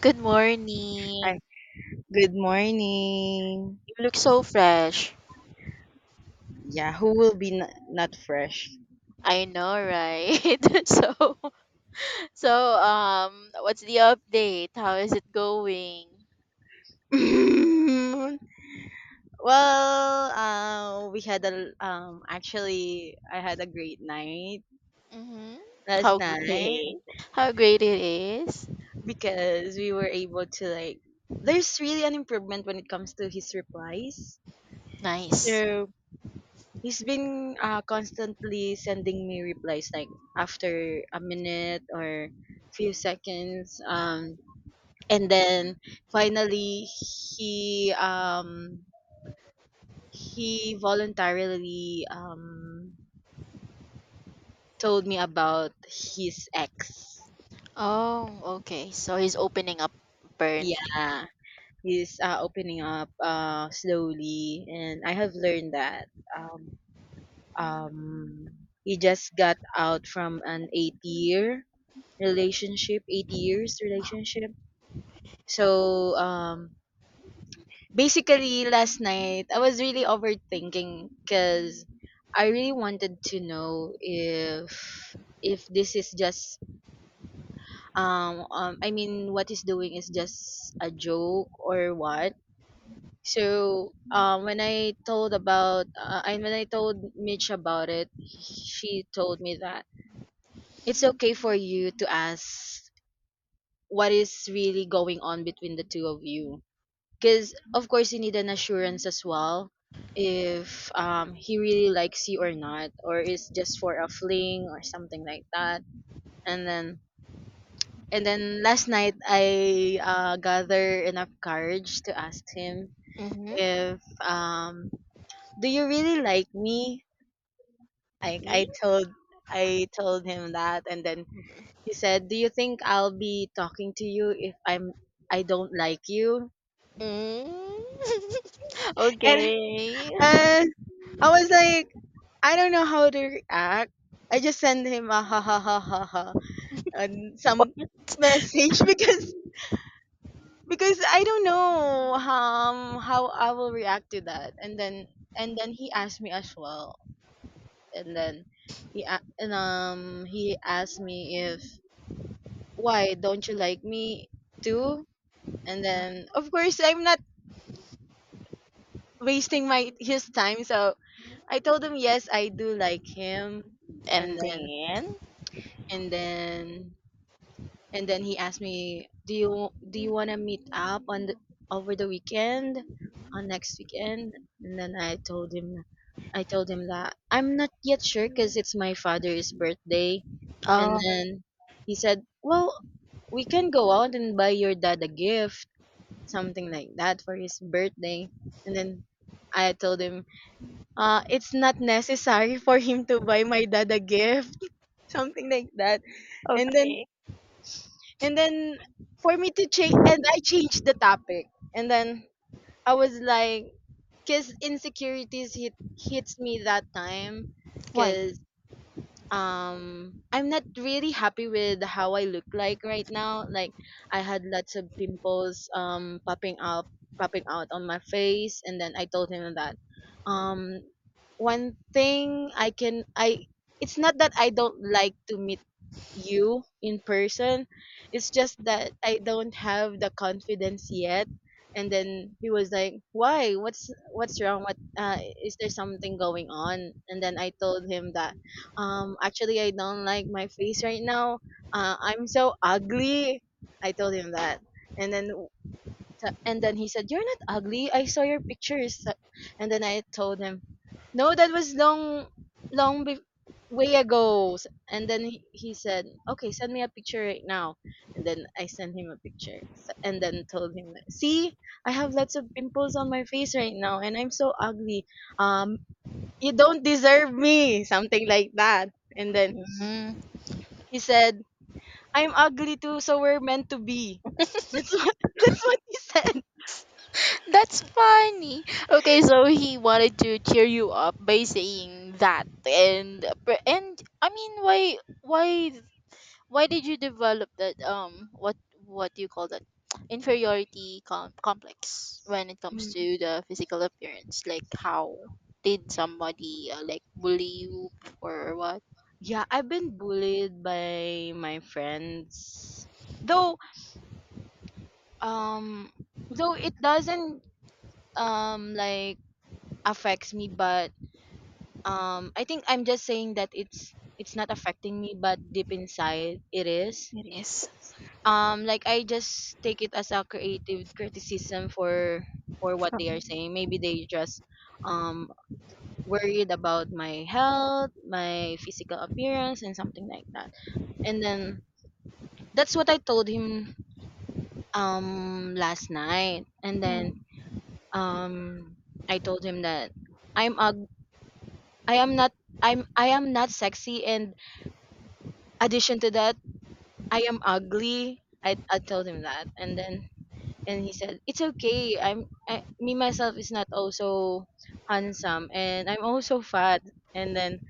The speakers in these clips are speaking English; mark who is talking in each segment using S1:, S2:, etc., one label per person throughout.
S1: Good morning.
S2: Hi, good morning.
S1: You look so fresh.
S2: Yeah, who will be not fresh?
S1: I know, right? What's the update? How is it going?
S2: Well, we had a actually, I had a great night
S1: Mm-hmm.
S2: last
S1: How
S2: night
S1: great? How great it is.
S2: because we were able to, like, there's really an improvement when it comes to his replies.
S1: Nice.
S2: So he's been constantly sending me replies like after a minute or few seconds. And then finally he um he voluntarily told me about his ex.
S1: Oh, okay. So he's opening up apparently.
S2: Yeah, he's opening up slowly, and I have learned that um um he just got out from an 8 years relationship. So, basically last night, I was really overthinking because I really wanted to know if, this is just I mean, what he's doing is just a joke or what. So, when I told Mitch about it, she told me that it's okay for you to ask what is really going on between the two of you, because of course you need an assurance as well if he really likes you or not, or is just for a fling or something like that. And then last night, I gather enough courage to ask him
S1: Mm-hmm.
S2: if, "Do you really like me?" Like,
S1: See?
S2: I told him that. And then he said, "Do you think I'll be talking to you if I don't like you?"
S1: Mm.
S2: And
S1: Okay.
S2: uh, I was like, I don't know how to react. I just send him a ha ha ha ha ha and some message because I don't know how I will react to that. And then he asked me as well. And then he a- and he asked me if, "Why don't you like me
S1: Mhm.
S2: too?" And then of course I'm not wasting my his time. So I told him yes, I do like him. And
S1: And
S2: then
S1: then,
S2: and then he asked me, "Do you want to meet up over the weekend, on next weekend?" And then I told him, that I'm not yet sure because it's my father's birthday. And
S1: oh,
S2: then he said, "Well, we can go out and buy your dad a gift, something like that for his birthday." And then I told him, "It's not necessary for him to buy my dad a gift, something like that." And then
S1: okay.
S2: and then for me to change, and I changed the topic. And then I was like, because insecurities hits me that time,
S1: Why?
S2: because I'm not really happy with how I look like right now. Like, I had lots of pimples, popping out on my face. And then I told him that, um one thing I can I it's not that I don't like to meet you in person. It's just that I don't have the confidence yet. And then he was like, "Why? What's wrong? What Is there something going on?" And then I told him that, actually, I don't like my face right now. I'm so ugly. I told him that. And then, he said, "You're not ugly. I saw your pictures." And then I told him, "No, that was long, long way ago." And then he said, "Okay, send me a picture right now." And then I sent him a picture, and then told him, "See, I have lots of pimples on my face right now, and I'm so ugly. Um, you don't deserve me," something like that. And then
S1: Mm.
S2: he said, "I'm ugly too, so we're meant to be." That's what that's what he said.
S1: That's funny. Okay, so he wanted to cheer you up by saying that, and and I mean, why why why did you develop that what do you call that complex when it comes to the physical appearance? Like, how did somebody like bully you or what?
S2: Yeah, I've been bullied by my friends. Though um though it doesn't, like, affects me, but I think I'm just saying that it's not affecting me, but deep inside it is.
S1: It is
S2: Like, I just take it as a creative criticism for what
S1: from
S2: they are
S1: them,
S2: saying. Maybe they just um worried about my health, my physical appearance, and something like that. And then, that's what I told him last night. And then
S1: mm,
S2: um I told him that, I'm ug- I am not I am not sexy, and addition to that, I am ugly. I told him that. And then and he said it's okay. Me myself is not also handsome, and I'm also fat. And then,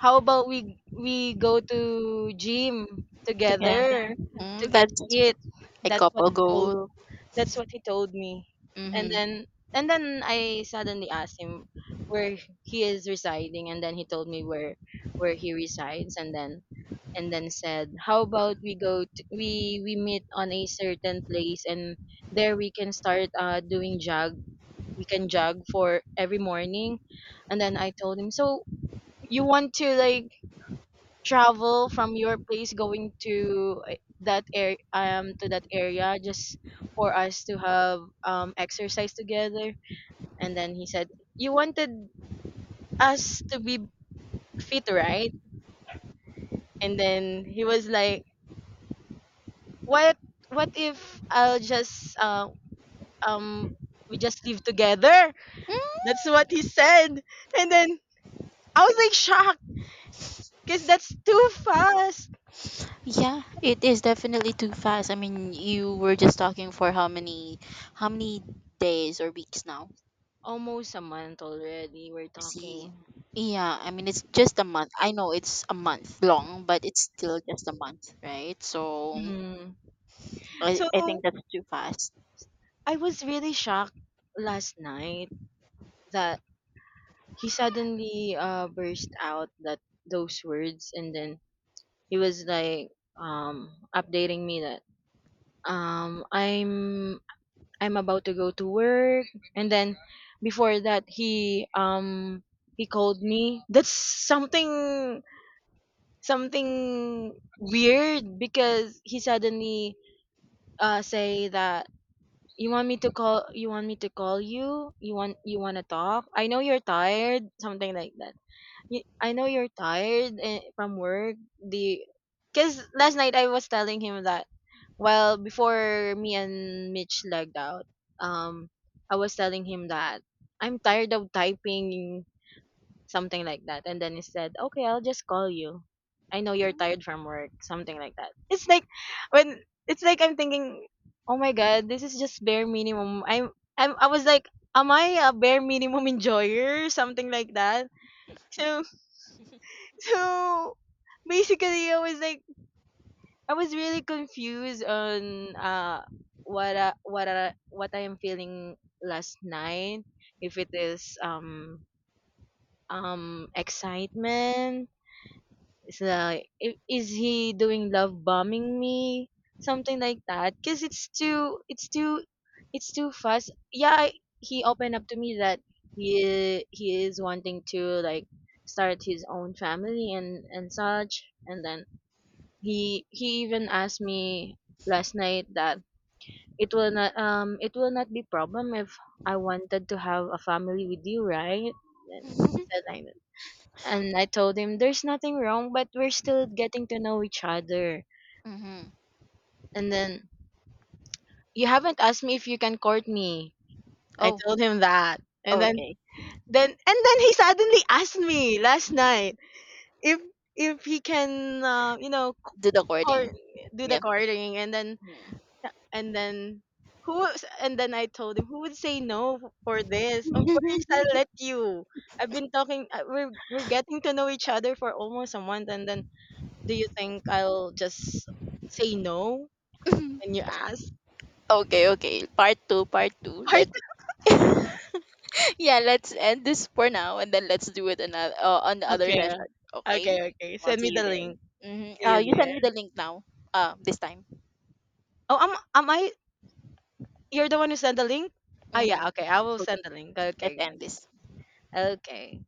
S2: "How about we go to gym
S1: together.
S2: together
S1: Mm,
S2: to get
S1: that's
S2: fit?"
S1: a
S2: That's what
S1: couple
S2: he told
S1: goal.
S2: that's what he told me. And
S1: Mm-hmm.
S2: then I suddenly asked him where he is residing, and then he told me where he resides. And then said, "How about we go to, we meet on a certain place, and there we can start doing jog? We can jog for every morning." And then I told him, "So you want to like travel from your place going to, that area to that area just for us to have exercise together?" And then he said, "You wanted us to be fit, right?" And then he was like, what what if, I'll just um we just live together?" That's
S1: Hmm?
S2: what he said. And then, I was like, shocked, because that's too fast.
S1: Yeah, it is definitely too fast. I mean, you were just talking for how many days or weeks now?
S2: Almost a month already we're talking.
S1: See. Yeah, I mean it's just a month. I know it's a month long, but it's still just a month, right? So
S2: Hmm.
S1: I,
S2: So
S1: I think that's too fast.
S2: I was really shocked last night that he suddenly burst out that those words, and then he was like, um, updating me that, um, I'm I'm about to go to work, and then before that he called me. That's something, something weird, because he suddenly say that, you want me to call you you want to talk? I know you're tired," something like that. I know you're tired from work." The cuz last night, I was telling him that, "Well, before me and Mitch legged out, um I was telling him that I'm tired of typing," something like that. And then he said, "Okay, I'll just call you. I know you're tired from work." Something like that. When it's like I'm thinking, "Oh my god, this is just bare minimum." I was like, "Am I a bare minimum enjoyer?" Something like that. So, so basically, I was like, I was really confused on what I am feeling last night. If it is excitement. It's like, is he doing love bombing me? Something like that. Cause
S1: Mm-hmm.
S2: it's too fast. Yeah, he opened up to me that he is wanting to, like, start his own family and such. And then he even asked me last night that, it will not be problem if I wanted to have a family with you, right? And he said like that. And I told him, there's nothing wrong, but we're still getting to know each other.
S1: Mm-hmm.
S2: And then, you haven't asked me if you can court me. I
S1: Oh,
S2: told him that. And then,
S1: okay.
S2: he suddenly asked me last night if, he can,
S1: Do the
S2: court,
S1: recording.
S2: do the
S1: Yep.
S2: courting. And then,
S1: Mm.
S2: and then, I told him, who would say no for this? Of course I'll let you. I've been talking, we're getting to know each other for almost a month. And then, "Do you think I'll just say no when you ask?"
S1: Okay, okay. Part two, part two. Let Yeah, let's end this for now and then let's do it another on the
S2: Part
S1: other
S2: Okay.
S1: session. Okay?
S2: Okay, okay.
S1: I'll
S2: Send me
S1: see you
S2: the
S1: there.
S2: link.
S1: Mm-hmm.
S2: See you
S1: You
S2: there.
S1: send me the link now. This time.
S2: Oh, am I? You're the one who sent the link. Ah,
S1: Mm-hmm.
S2: yeah. Okay, I will
S1: Okay,
S2: send the link.
S1: let's
S2: Okay,
S1: end this.
S2: okay. Okay.